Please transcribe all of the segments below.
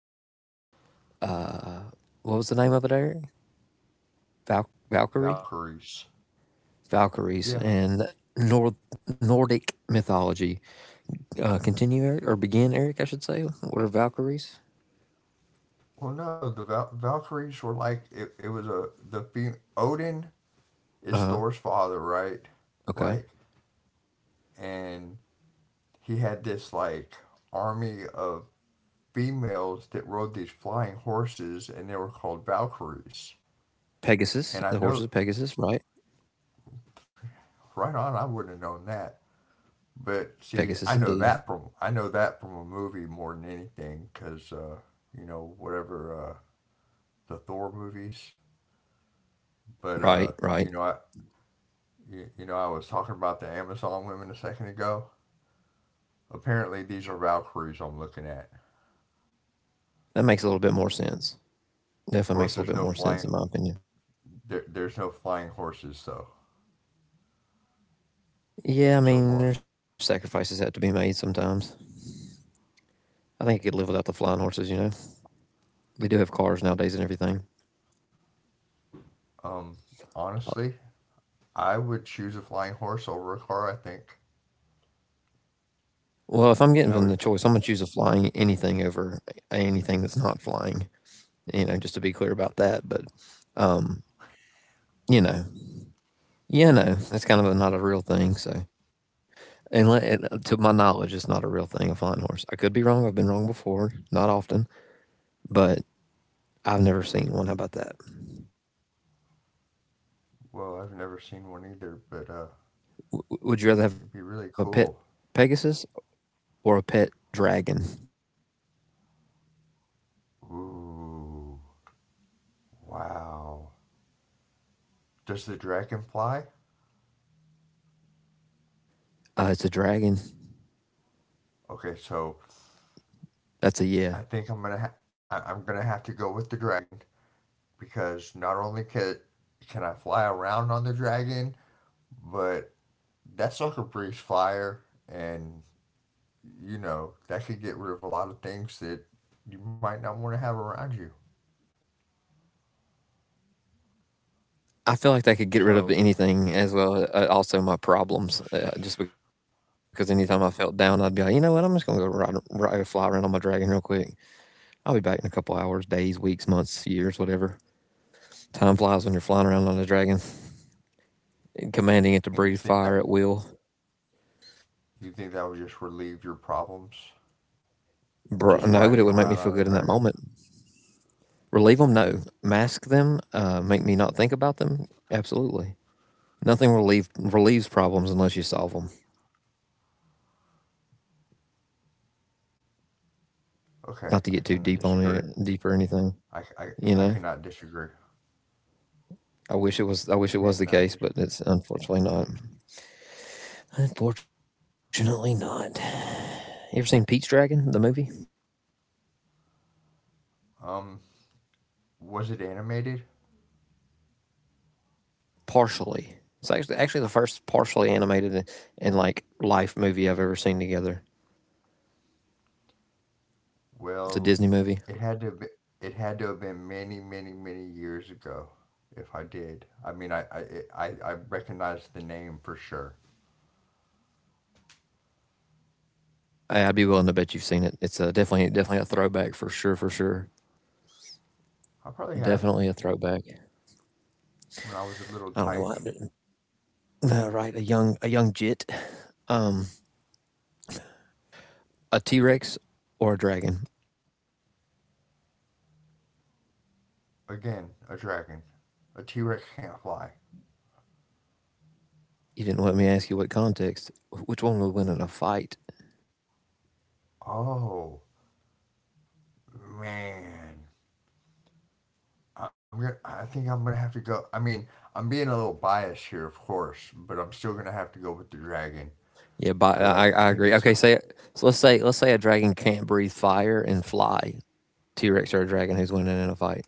briefly. Uh, what was the name of it, Eric? Valkyrie, Valkyries. Valkyries, Yeah. and Nordic mythology. Continue, Eric, or begin, Eric? I should say. What are Valkyries? Well, no, Valkyries were like it was a the fe- Odin is Uh huh. Thor's father, right? Like, Okay. and he had this like army of females that rode these flying horses, and they were called Valkyries. Pegasus, the horses And of I know, Pegasus, right? right on, I wouldn't have known that. But Pegasus, see, I indeed. know that from a movie more than anything, because you know, whatever, the Thor movies. But Right, right. you know, I, You know, I was talking about the Amazon women a second ago. Apparently, these are Valkyries I'm looking at. That makes a little bit more sense. Of Definitely makes course, a little there's bit no more sense, in flying. my opinion. There's no flying horses though, Yeah, I so mean, there's far. sacrifices that have to be made sometimes. I think I could live without the flying horses, you know? They do have cars nowadays and everything. Um, Honestly, I would choose a flying horse over a car. I think Well, if I'm I given would. the choice, I'm going to choose a flying anything over anything that's not flying, you know, just to be clear about that. But, um, you know, yeah, no, that's kind of a, not a real thing. So, and to my knowledge, it's not a real thing, a flying horse. I could be wrong. I've been wrong before, not often, but I've never seen one. How about that? Well, I've never seen one either, but W would you rather have it'd a be pet really cool. Pegasus or a pet dragon? Ooh, wow. Does the dragon fly? It's a dragon. Okay, so That's a yeah. I think I'm gonna have to go with the dragon because not only can I fly around on the dragon, but that sucker breathes fire, and you know that could get rid of a lot of things that you might not want to have around you. I feel like that could get rid of So, anything as well. Also, my problems, just because anytime I felt down, I'd be like, you know what, I'm just gonna go ride fly around on my dragon real quick. I'll be back in a couple hours, days, weeks, months, years, whatever. Time flies when you're flying around on a dragon, commanding it to and breathe fire at will. you think that would just relieve your problems Bro, no, just but it would make riding me feel around good on in the that moment. dragon? Relieve them, no. Mask them, make me not think about them, absolutely. Nothing relieves problems unless you solve them. Okay, Not to get I too cannot deep on it, disagree. deep or anything, I I, you I know. cannot disagree. I wish it was. I wish it Cannot was the case, disagree. but it's unfortunately not. Unfortunately not. You ever seen Pete's Dragon, the movie? Um, was it animated? Partially. It's actually the first partially animated and, like life movie I've ever seen together. It's a Well, Disney movie. it had to be, it had to have been many, many, many years ago if I did. I mean, I recognize the name for sure. I'd be willing to bet you've seen it. It's a definitely a throwback for sure. I probably have, Definitely a throwback. when I was a little I don't know tyke. why. But, right, a young jit, um, a T Rex or a dragon. Again, a dragon. A T-Rex can't fly. You didn't let me ask you what context. Which one would win in a fight? Oh, man. I think I'm gonna have to go. I mean, I'm being a little biased here, of course, but I'm still gonna have to go with the dragon Yeah, but because I, I I think agree. it's. Okay, A, say so. Let's say a dragon can't breathe fire and fly. T Rex or a dragon, who's winning in a fight?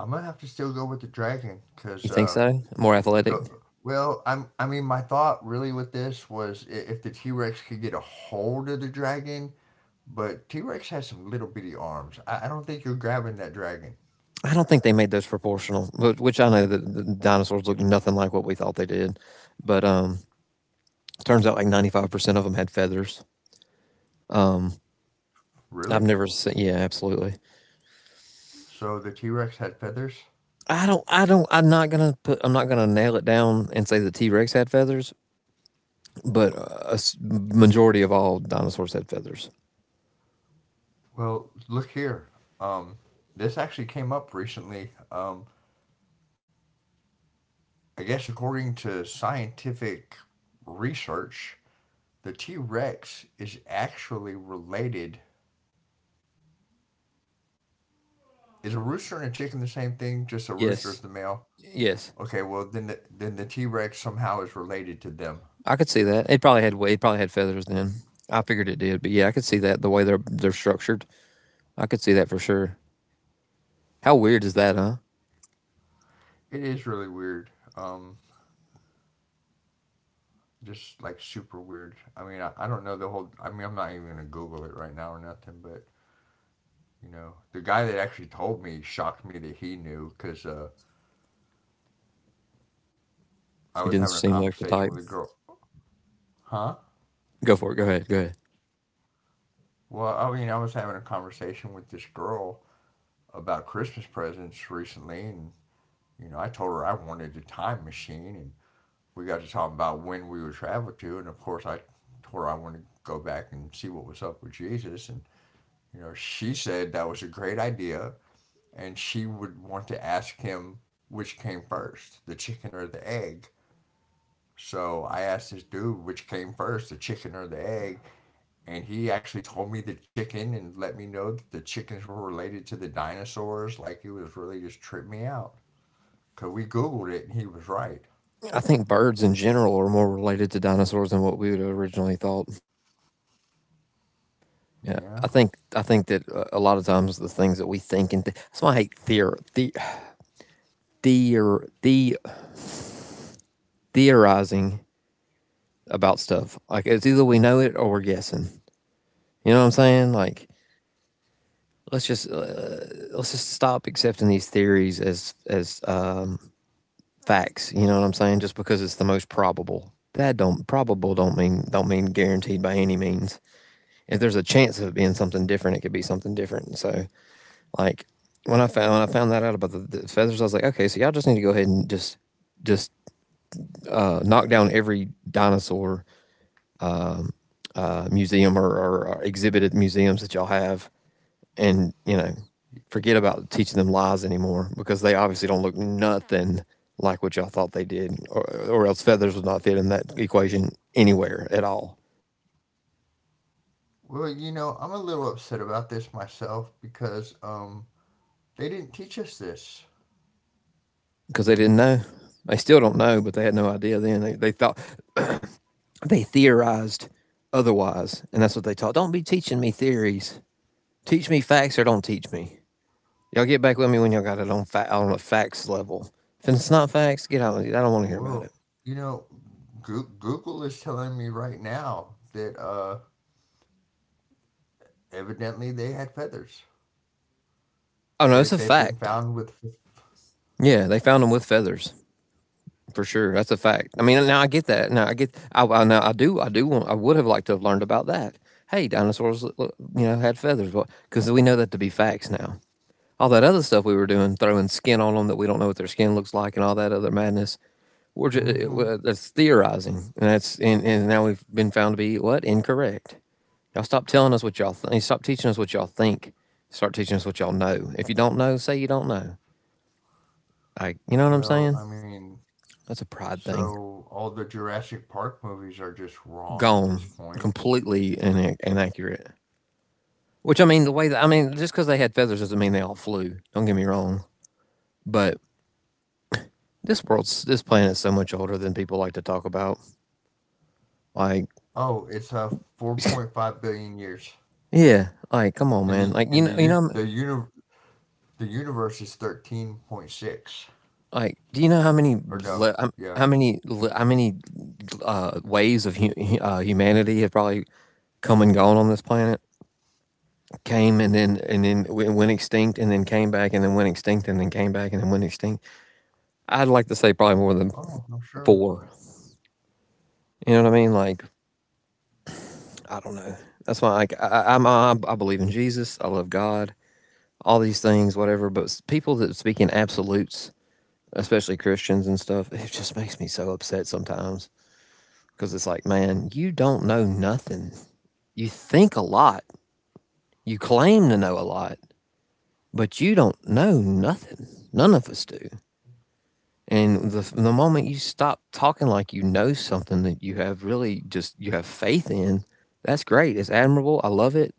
I'm gonna have to still go with the dragon You because think so? More With athletic? the well, I mean, my thought really with this was if the T Rex could get a hold of the dragon, but T Rex has some little bitty arms. I don't think you're grabbing that dragon, I don't think they made those proportional, but which I know that the dinosaurs looked nothing like what we thought they did. But turns out like 95% of them had feathers. Um, I've really. never seen. Yeah, absolutely. So the T Rex had feathers. I don't. I don't. I'm not gonna put. I'm not gonna nail it down and say the T Rex had feathers, but a majority of all dinosaurs had feathers. Well, look here. Um, this actually came up recently. I guess according to scientific research, the T Rex is actually related. Is a rooster and a chicken the same thing? Just a rooster is Yes. the male. Yes. Okay, well then then the T Rex somehow is related to them. I could see that. It probably had feathers then. I figured it did, but yeah, I could see that the way they're structured. I could see that for sure. How weird is that, huh? It is really weird. Um, just like super weird. I mean, I don't know the whole. I mean, I'm not even gonna Google it right now or nothing. But you know, the guy that actually told me shocked me that he knew, because I He was didn't having a seem like the conversation type. with a girl. Huh? Go for it. Go ahead. Go ahead. Well, I mean, I was having a conversation with this girl about Christmas presents recently, and you know, I told her I wanted a time machine, and we got to talking about when we would travel to, and of course I told her I wanted to go back and see what was up with Jesus, and you know, she said that was a great idea, and she would want to ask him which came first, the chicken or the egg. So I asked this dude which came first, the chicken or the egg, and he actually told me the chicken and let me know that the chickens were related to the dinosaurs. Like, it was really, just tripped me out. 'Cause we googled it and he was right. I think birds in general are more related to dinosaurs than what we would have originally thought. Yeah, Yeah. I think that a lot of times the things that we think that's why I hate theor the theorizing about stuff. Like it's either we know it or we're guessing. You know what I'm saying? Like let's just uh, let's just stop accepting these theories as facts. You know what I'm saying? Just because it's the most probable, that don't probable don't mean guaranteed by any means. If there's a chance of it being something different, it could be something different. So like when I found that out about the feathers, I was like, okay, so y'all just need to go ahead and just knock down every dinosaur um, museum or exhibit at museums that y'all have, and forget about teaching them lies anymore, because they obviously don't look nothing like what y'all thought they did, or else feathers would not fit in that equation anywhere at all, Well, you know, I'm a little upset about this myself because they didn't teach us this. because they didn't know. They still don't know, but they had no idea. Then they thought they theorized otherwise, and that's what they taught. Don't be teaching me theories. Teach me facts or don't teach me. Y'all get back with me when y'all got it on a facts level. If it's not facts, get out with it. I don't want to hear about it. Well, you know, Google is telling me right now that evidently they had feathers. Oh no, They it's a they've been fact. found with. Yeah, they found them with feathers. For sure, that's a fact. I mean, now I get that. Now I get. I now I do. I do want. I would have liked to have learned about that. Hey, dinosaurs, had feathers, because we know that to be facts now. All that other stuff we were doing, throwing skin on them that we don't know what their skin looks like, and all that other madness. We're just it, Mm-hmm. wa- that's theorizing, and now we've been found to be what, incorrect. Y'all stop telling us what y'all think. Stop teaching us what y'all think. Start teaching us what y'all know. If you don't know, say you don't know. Like, you know what I'm Well, saying? I mean, That's a pride thing. so all the Jurassic Park movies are just wrong at Gone this point. completely inaccurate. Which I mean, the way that I mean, just because they had feathers doesn't mean they all flew. Don't get me wrong, but this planet is so much older than people like to talk about. Like, Oh, it's uh, 4.5 billion years, yeah, like come on, and man. Like the universe is 13.6, like do you know how many or no, yeah. How many waves of humanity have probably come and gone on this planet? Came and then went extinct and then came back and then went extinct and then came back and then went extinct. I'd like to say probably more than Oh, I'm sure. four. You know what I mean? Like, I don't know. That's why, like, I believe in Jesus. I love God. All these things, whatever. But people that speak in absolutes, especially Christians and stuff, it just makes me so upset sometimes. Because it's like, man, you don't know nothing. You think a lot. You claim to know a lot, but you don't know nothing. None of us do. And the moment you stop talking like you know something that you have really just you have faith in, that's great. It's admirable. I love it.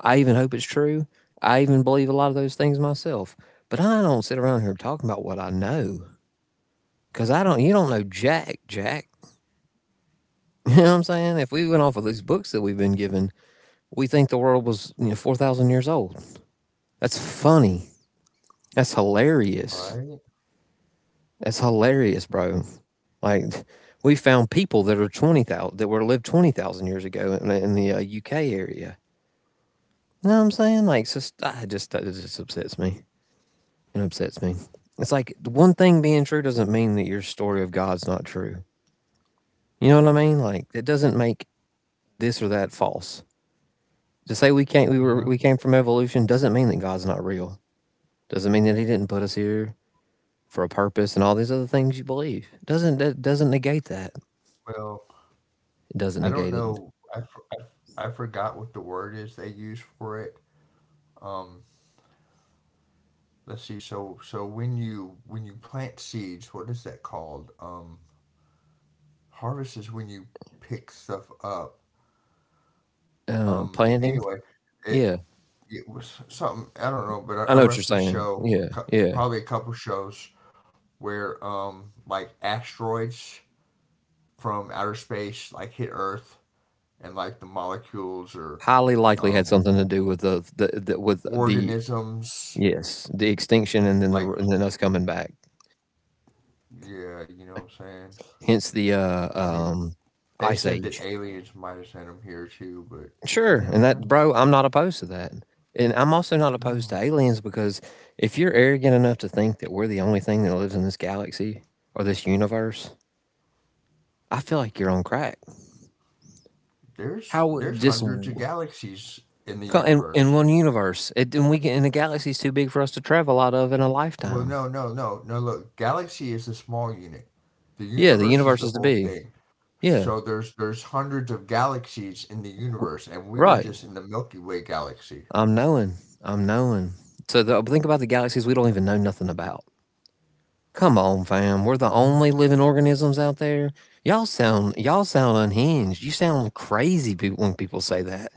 I even hope it's true. I even believe a lot of those things myself. But I don't sit around here talking about what I know, because I don't, you don't know Jack, Jack. You know what I'm saying? If we went off of these books that we've been given, we think the world was 4,000 years old. That's funny. That's hilarious. Right? That's hilarious, bro. Like, we found people that are 20,000, that were, lived 20,000 years ago in the UK area. You know what I'm saying? Like, that just upsets me. It upsets me. It's like one thing being true doesn't mean that your story of God's not true. You know what I mean? Like it doesn't make this or that false. To say we can't we were Yeah. we came from evolution doesn't mean that God's not real. Doesn't mean that he didn't put us here for a purpose and all these other things you believe. Doesn't negate that. Well, It I doesn't don't negate it. know. I forgot what the word is they use for it. Um, let's see. So when you, when you plant seeds, what is that called? Harvest is when you pick stuff up. Planning. Anyway, it Yeah. it was something, I don't know, but I I know what you're watched a saying. show, Yeah. Yeah. probably a couple shows where, like, asteroids from outer space like hit Earth and like the molecules or Highly likely had um, something to do with the organisms, yes, the extinction and then the like, and then us coming back. yeah, you know what I'm saying? Hence the I mean, they Ice said Age. that aliens might have sent them here too, but you Sure, and never that, know. bro, I'm not opposed to that, and I'm also not opposed to No. aliens because if you're arrogant enough to think that we're the only thing that lives in this galaxy or this universe, I feel like you're on crack. How There's would just hundreds of galaxies in the in universe. one universe, it, and we get, and the galaxy's too big for us to travel out of in a Well, lifetime. no, no, no, no, look. Galaxy is a small unit. The Yeah, the universe is universe the is too whole big. thing. Yeah, So there's hundreds of galaxies in the w- universe and we are right. just in the Milky Way galaxy. I'm knowing. I'm knowing. So think about the galaxies we don't even know nothing about. Come on, fam. We're the Right? only living organisms out there. Y'all sound unhinged. You sound crazy when people say that.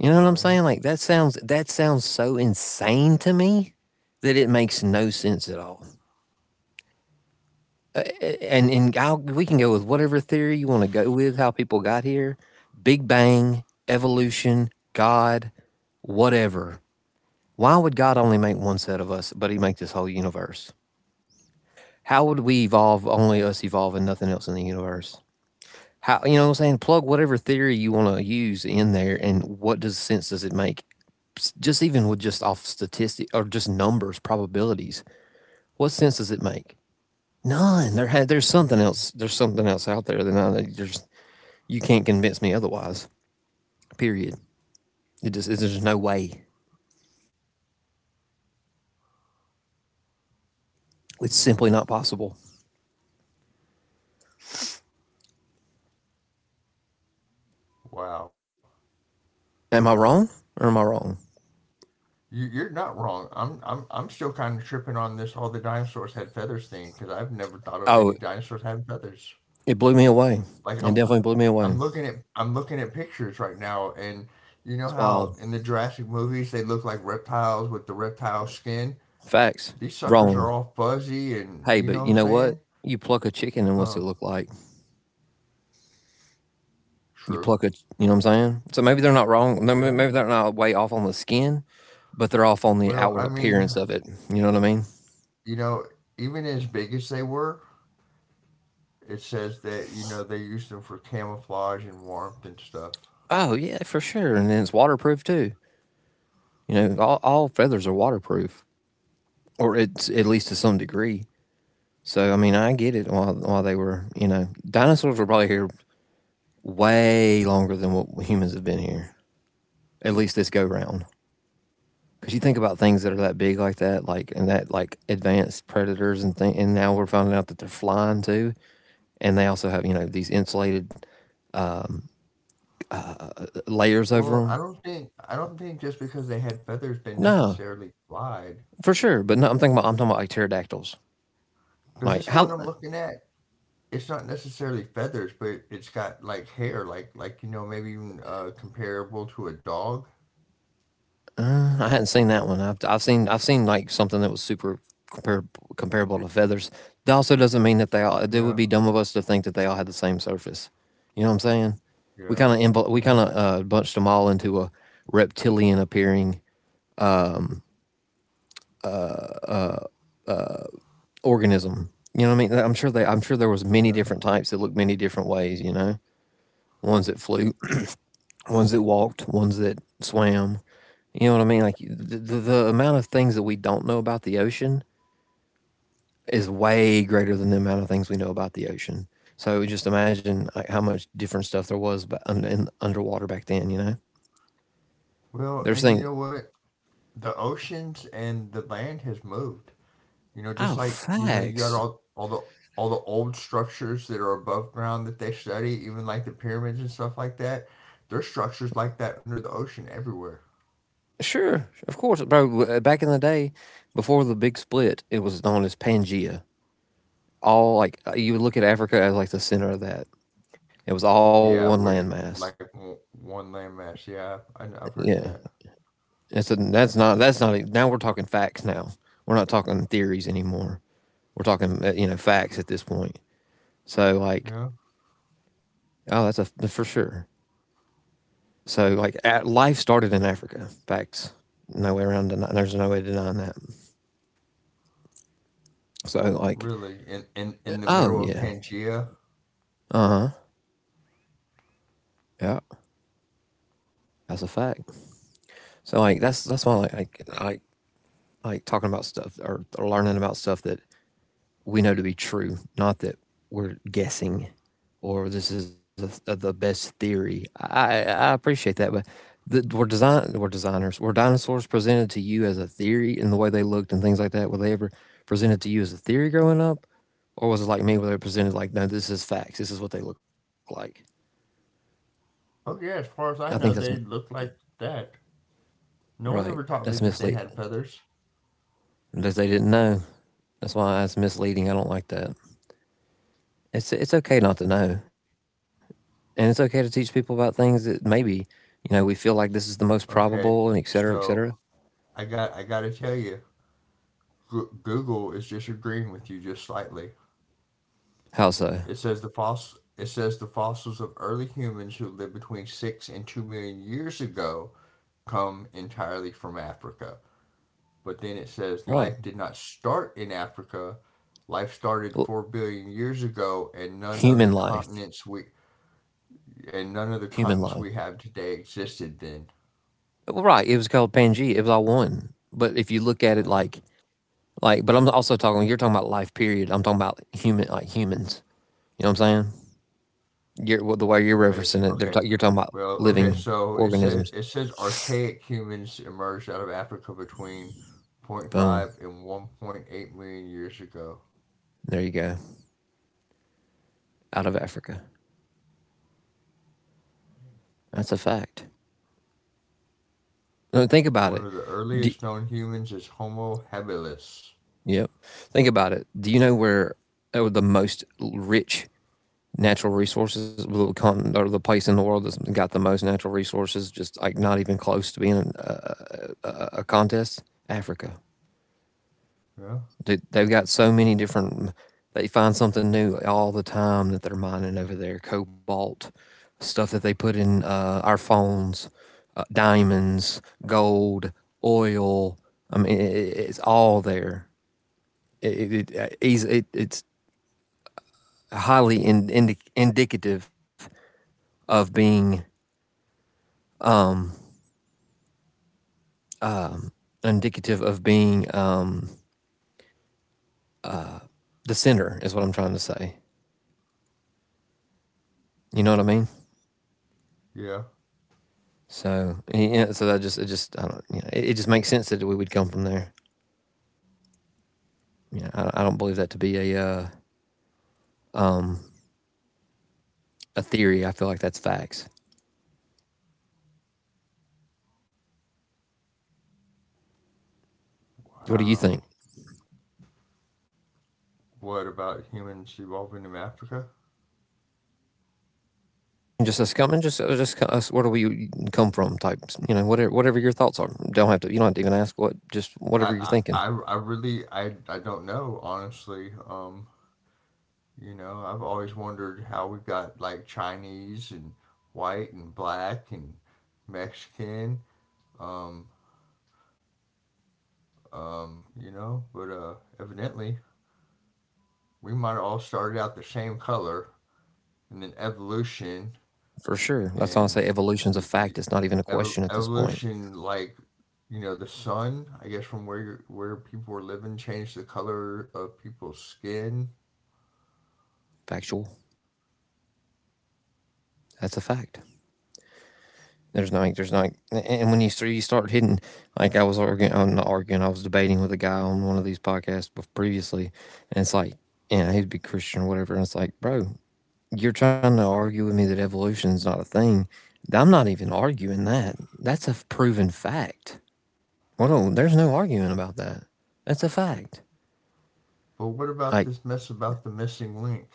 You know what I'm saying? Right? Like that sounds so insane to me that it makes no sense at all. Uh, we can go with whatever theory you want to go with how people got here. Big Bang, evolution, God, whatever. Why would God only make one set of us, but he make this whole universe? How would we evolve, only us evolve and nothing else in the universe? How, you know what I'm saying? Plug whatever theory you want to use in there, and what does sense does it make? Just even with just off statistics or just numbers, probabilities, what sense does it make? None. There's something else. There's something else out there than I there's You can't convince me otherwise. Period. It just There's just no way. It's Hmm. simply not possible. Wow. Am I wrong, or am I wrong? You, you're not wrong. I'm still kind of tripping on this all the dinosaurs had feathers thing because I've never thought of any Oh, dinosaurs having feathers. it blew me away. Like, It I'm definitely blew me away. I'm looking at pictures right now and you know It's how wild. in the Jurassic movies they look like reptiles with the reptile skin? Facts. These suckers are Wrong. all fuzzy and Hey, you but know what you I'm know what? saying? You pluck a chicken and what's it Huh. look like? You True. pluck it, you know what I'm saying? So maybe they're not wrong. No, Yeah. maybe they're not way off on the skin, but they're off on the Well, I outward mean, appearance of it. You know what I mean? you know, even as big as they were, it says that, you know, they used them for camouflage and warmth and stuff. Oh yeah, for sure. And then it's waterproof too. You know, all feathers are waterproof, or it's at least to some degree. So I mean, I get it. While they were, you know, dinosaurs were probably here way longer than what humans have been here. At least this go round. Because you think about things that are that big like that, like and that like advanced predators and thing, and now we're finding out that they're flying too and they also have, you know, these insulated um, layers over Well, them. I don't think just because they had feathers they No, necessarily lied. for sure, but no, I'm talking about like pterodactyls. Because Like this how one I'm looking at, it's not necessarily feathers, but it's got like hair, like you know, maybe even comparable to a dog. I hadn't seen that one. I've seen like something that was super compar- comparable to feathers. That also doesn't mean that they all. It Yeah, would be dumb of us to think that they all had the same surface. You know what I'm saying? We yeah, kind of we yeah, kind of uh, bunched them all into a reptilian appearing um, organism. You know what I mean? I'm sure there was many yeah. different types that looked many different ways. You know, ones that flew, ones that walked, ones that swam. You know what I mean? Like the amount of things that we don't know about the ocean is way greater than the amount of things we know about the ocean. So just imagine, like, how much different stuff there was in underwater back then. You know, Well, they're and you saying, know what? The oceans and the land has moved. You know, just "Oh, like, you know, you got facts." all the old structures that are above ground that they study, even like the pyramids and stuff like that. There's structures like that under the ocean everywhere. Sure, of course, bro. Back in the day, before the big split, it was known as Pangea. All like you would look at Africa as like the center of that. It was all one Yeah, would landmass. it like one landmass? Yeah, I've heard of Yeah. that. That's not e, Now we're talking facts now. We're not talking theories anymore. We're talking, you know, facts at this point. So Yeah, like, oh, that's a for sure. So like life started in Africa. Facts. No way around deny, There's no way denying that. So like, really, in in the oh middle of yeah. Pangea. Uh-huh. Yeah. That's a fact. So like that's why like talking about stuff, or learning about stuff that we know to be true, not that we're guessing or this is the best theory. I appreciate that, but the, we're design we're designers. Were dinosaurs presented to you as a theory in the way they looked and things like that? Were they ever presented to you as a theory growing up, or was it like me where they were presented like, no, this is facts. This is what they look like. Oh yeah, as far I as think I that's know, they look like that. No one right. ever taught That's me that they had misleading feathers. because they didn't know. That's why it's misleading. I don't like that. It's okay not to know. And it's okay to teach people about things that maybe, you know, we feel like this is the most Okay, probable, and et cetera, et so cetera. I got to tell you, Google is disagreeing with you just slightly. How It so? says the foss it says the fossils of early humans who lived between 6 and 2 million years ago come entirely from Africa. But then it says life Right. did not start in Africa. Life started Well, 4 billion years ago, and none of the human life. continents we human life have today existed then. well, right, it was called Pangea, it was all one. But if you look at it Yeah. like, but I'm also talking, you're talking about life period, I'm talking about human, like humans, you know what I'm saying? Well, the way you're Okay. Referencing it, Okay. You're talking about Well. Okay. living So it says organisms. Archaic humans emerged out of Africa between zero point Boom, 0.5 and 1.8 million years ago. there you go. Out of Africa. That's a fact. No, think about it. One of the Do, earliest known humans is Homo habilis. yep, think about it. Do you know where, the most rich natural resources, the continent or the place in the world that's got the most natural resources, just like not even close to being a contest? Africa. Yeah. Dude, they've got so many different. They find something new all the time that they're mining over there. Cobalt, stuff that they put in, our phones, diamonds, gold, oil. I mean, I it's all there. It, it, it's Highly in, indi indicative of being um, indicative of being, the sinner is what I'm trying to say. You know what I mean? Yeah. So yeah, so that just it just, I don't, you know, it just makes sense that we would come from there. You know, I don't believe that to be a, um, a theory. I feel like that's facts. What do you Wow. think? What about humans evolving in Africa? Just us coming, just, just us. Where do we come from? Type, you know, whatever whatever your thoughts are. Don't have to. You don't have to even ask what. Just whatever you're thinking. I really I don't know, honestly. You know, I've always wondered how we got like Chinese and white and black and Mexican. Um, you know, but evidently we might have all started out the same color, and then evolution For sure. That's why I say and evolution's a y- fact. y- It's not even a question at this point. evolution, like, you know, the sun, I guess, from where you're, where people were living, changed the color of people's skin. Factual. That's a fact. There's no, And when you start, hitting, like I'm not arguing, I was debating with a guy on one of these podcasts previously, and it's like, you know, he's a big Christian or whatever, and it's like, bro, you're trying to argue with me that evolution's not a thing. I'm not even arguing that. That's a proven fact. Well, no, there's no arguing about that. That's a fact. But what about Like, this mess about the missing link?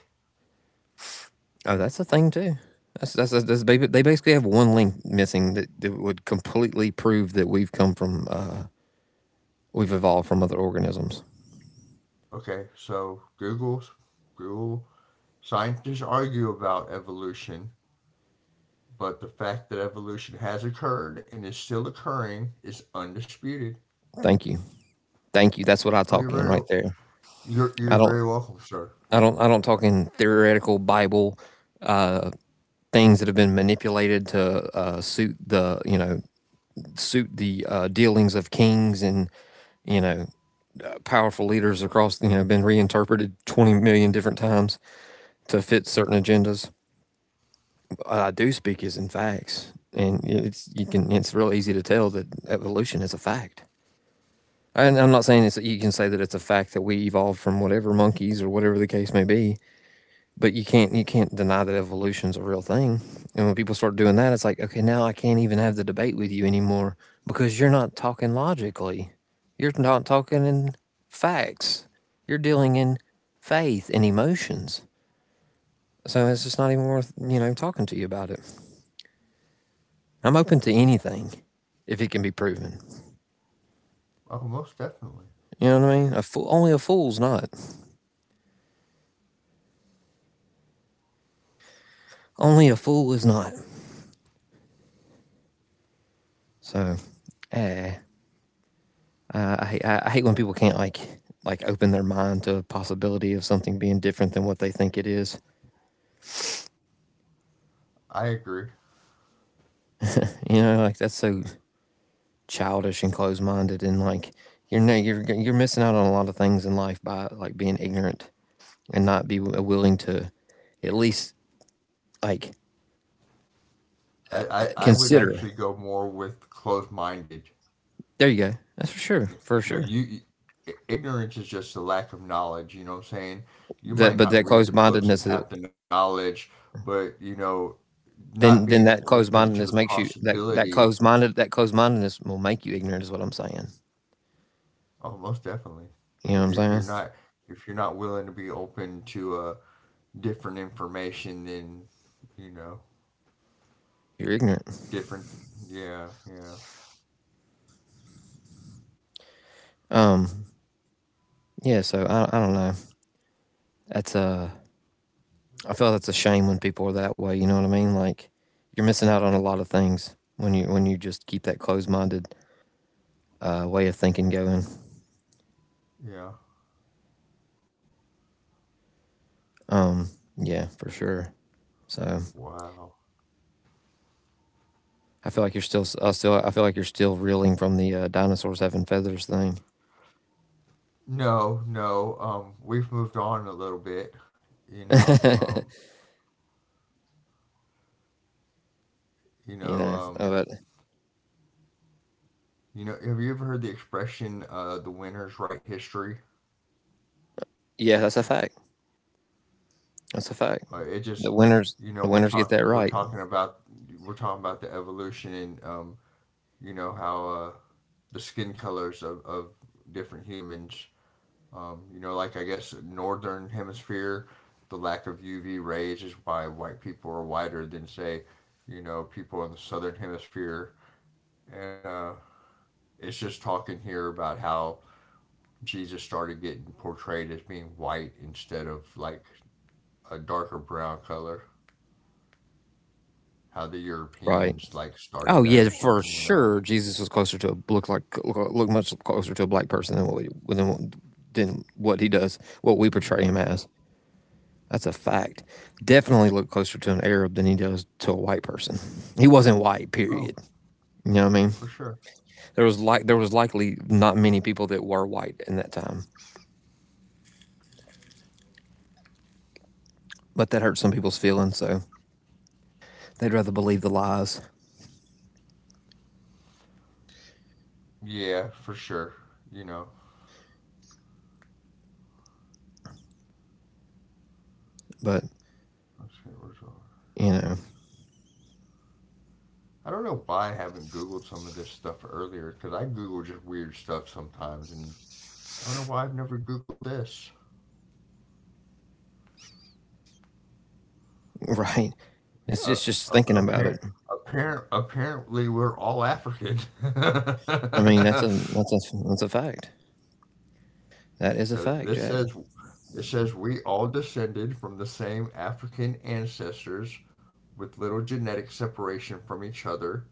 oh, that's a thing too. That's that's, that's, they basically have one link missing that would completely prove that we've come from, we've evolved from other organisms. Okay, so Google scientists argue about evolution, but the fact that evolution has occurred and is still occurring is undisputed. Thank you. Thank you. That's what I Oh, you're talk in very, right there. You're I don't very welcome, sir. I don't talk in theoretical Bible uh things that have been manipulated to, suit the, you know, suit the, dealings of kings and, you know, powerful leaders across, you know, been reinterpreted 20 million different times to fit certain Yeah. agendas. What I do speak is in facts, and it's, you can, it's real easy to tell that evolution is a fact. And I'm not saying it's, you can say that it's a fact that we evolved from whatever monkeys or whatever the case may be, but you can't deny that evolution's a real thing. And when people start doing that, it's like, okay, now I can't even have the debate with you anymore because you're not talking logically. You're not talking in facts. You're dealing in faith and emotions. So it's just not even worth, you know, talking to you about it. I'm open to anything if it can be proven. Oh, most definitely. You know what I mean? A fool, only a fool's not. Only a fool is not. So, eh, I hate when people can't like, open their mind to a possibility of something being different than what they think it is. I agree. You know, like that's so childish and closed minded, and like you're, no, you're missing out on a lot of things in life by like being ignorant and not be willing to at least, like, I would consider. actually go more with closed minded. There you go. That's for sure, You, for know, sure. you ignorance is just a lack of knowledge, you know what I'm saying? You That might but that not read closed the books mindedness and is have the knowledge, but you know, not being then that open closed to the mindedness makes you, possibility. That closed mindedness will make you ignorant is what I'm saying. Oh, most definitely. You know If what you're I'm saying? not willing to be open to different information, then, you know, You're ignorant. different. Yeah, Um, yeah. So, I don't know. That's, I feel that's a shame when people are that way. You know what I mean? Like you're missing out on a lot of things when you, just keep that closed-minded way of thinking going. yeah. Um, yeah, for sure. So Wow. I feel like you're still reeling from the, dinosaurs having feathers thing. No, no. We've moved on a little bit. You know, You know, you know, uh, but Um. You know, have you ever heard the expression, "the winners write history"? yeah, that's a fact. That's a fact. Uh, it The just, winners the you know, winners we're get that right. Talking about, the evolution, and you know how, the skin colors of different humans. You know, like, I guess northern hemisphere, the lack of UV rays is why white people are whiter than, say, you know, people in the southern hemisphere. And it's just talking here about how Jesus started getting portrayed as being white instead of like a darker brown color. How the Right. Europeans like Oh started yeah, that or for something, you sure. know? Jesus was closer to a look, much closer to a black person than than what he does, what we portray him Yeah. as. That's a fact. Definitely look closer to an Arab than he does to a white person. He wasn't white, Oh, period. You know what I mean? for sure. There was likely not many people that were white in that time, but that hurt some people's feelings. So they'd rather believe the lies. Yeah, for sure. You know. But Let's see, where's all- you know, I don't know why I haven't Googled some of this stuff earlier, because I Google just weird stuff sometimes, and I don't know why I've never Googled this. right? It's Uh, just ap- thinking about appar- it. Apparently, we're all African. I mean, that's a fact. That is a 'Cause fact, this Jack. says, it says we all descended from the same African ancestors with little genetic separation from each other.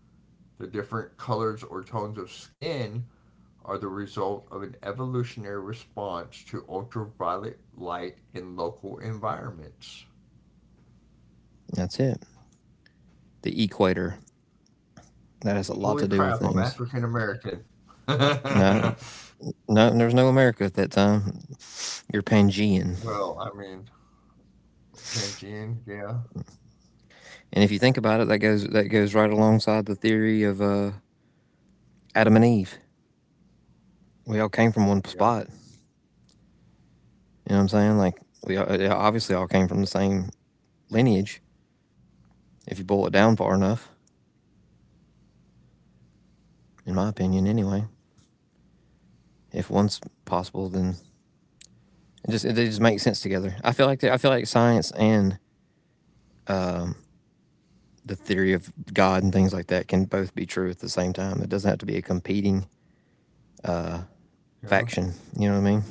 The different colors or tones of skin are the result of an evolutionary response to ultraviolet light in local environments. That's it. The equator. That has a lot Holy to do with crap, I'm things. African American. No, Well, no, there was no America at that time. You're Pangean, I mean, Pangean, yeah, and if you think about it, that goes right alongside the theory of Adam and Eve. We all came from one yeah, spot. You know what I'm saying? Like we obviously all came from the same lineage. If you boil it down far enough, in my opinion, anyway. If one's possible, then it just makes sense together. I feel like science and um, the theory of God and things like that can both be true at the same time. It doesn't have to be a competing yeah, faction. You know what I mean?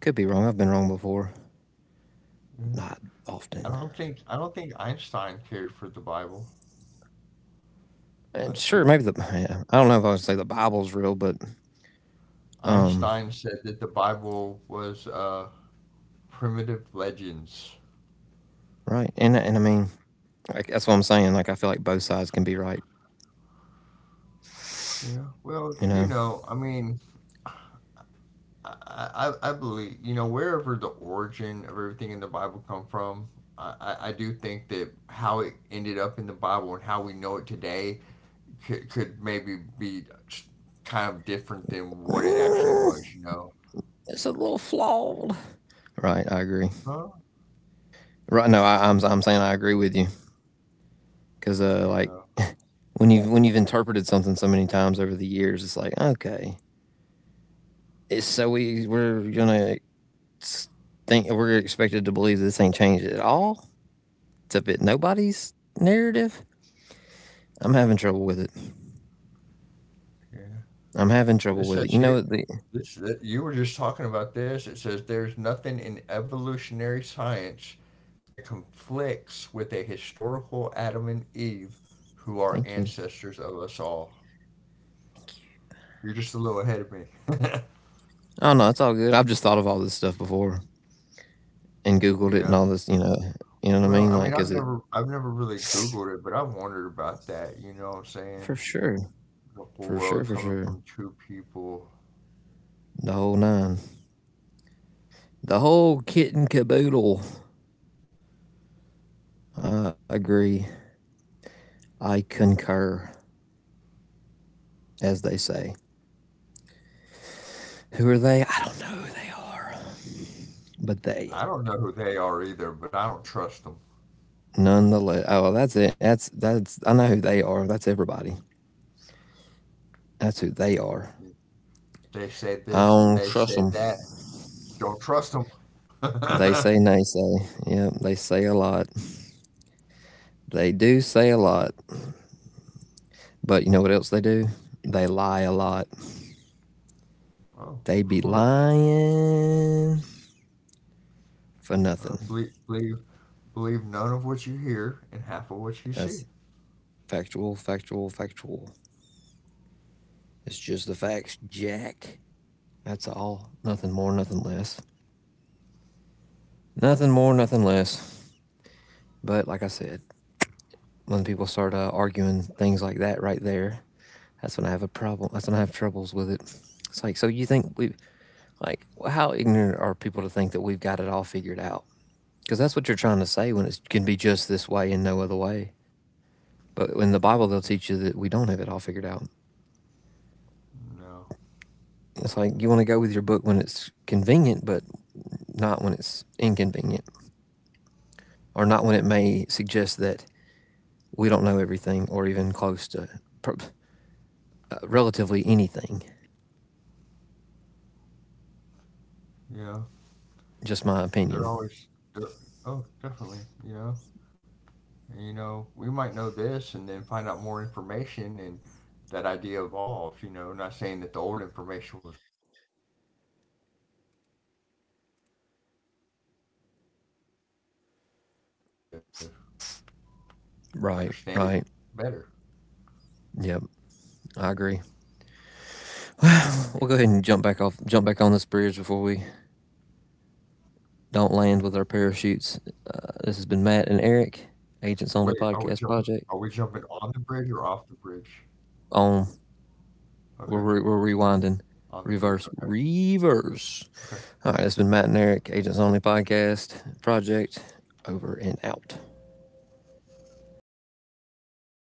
Could be wrong. I've been wrong before. yeah. Not often. I don't think Einstein cared for the Bible. And sure, Let's maybe the see. yeah, I don't know if I would say the Bible's real, but um, Einstein said that the Bible was primitive legends. right. And I mean, like, that's what I'm saying. Like I feel like both sides can be right. Yeah. Well, You you know. know, I mean, I believe, you know, wherever the origin of everything in the Bible come from, I do think that how it ended up in the Bible and how we know it today could maybe be kind of different than what it actually was, you know? It's a little flawed. Right, I agree. Huh? Right, no, I'm saying I agree with you because like Yeah. when you have when you've interpreted something so many times over the years, it's like okay, so we're gonna think we're expected to believe this ain't changed at all to fit nobody's narrative. I'm having trouble with it. Yeah. I'm having trouble This with it. says You know, here. the, This that you were just talking about this. It says there's nothing in evolutionary science that conflicts with a historical Adam and Eve who are thank you. ancestors of us all. You're just a little ahead of me. Oh no, it's all good. I've just thought of all this stuff before and Googled it and Yeah. all this. You know what I Well, mean? I mean, Like, is I've it never, really Googled it, but I've wondered about that. You know what I'm for saying? sure? The whole For sure, world for coming sure. from two people. The whole nine. The whole kit and caboodle. I agree. I concur, as they say. Who are they? I don't know who they are, but they. I don't know who they are either, but I don't trust them. Nonetheless, oh, well, that's it. That's that's. I know who they are. That's everybody. That's who they are. They say I this and don't they trust say them. that. Don't trust them. They say nay say. Yeah, they say a lot. They do say a lot. But you know what else they do? They lie a lot. Oh, of They be course. lying for Uh, nothing. believe, believe, believe none of what you hear and half of what you That's see. factual, factual, factual. It's just the facts, Jack. That's all. Nothing more, nothing less. Nothing more, nothing less. But like I said, when people start arguing things like that right there, that's when I have a problem. That's when I have troubles with it. It's like, so you think we, like, how ignorant are people to think that we've got it all figured out? Because that's what you're trying to say when it can be just this way and no other way. But in the Bible, they'll teach you that we don't have it all figured out. No. It's like you want to go with your book when it's convenient, but not when it's inconvenient, or not when it may suggest that we don't know everything or even close to pr- relatively anything. Yeah. Just my They're opinion. always, they're, oh, definitely. You know, and, you know, we might know this and then find out more information and that idea evolves, you know, not saying that the old information was wrong, but you just didn't have all the information to understand it better. Right, right. Yep, I agree. We'll go ahead and jump back off, jump back on this bridge before we don't land with our parachutes. This has been J- Matt Wait, and Eric, are Agents we Only jumping on Podcast the Project. bridge or off the bridge? On Okay. On we're the bridge. rewinding, Okay. reverse, Okay. reverse. All right, it's been Matt and Eric, Agents Only Podcast Project. Over and out.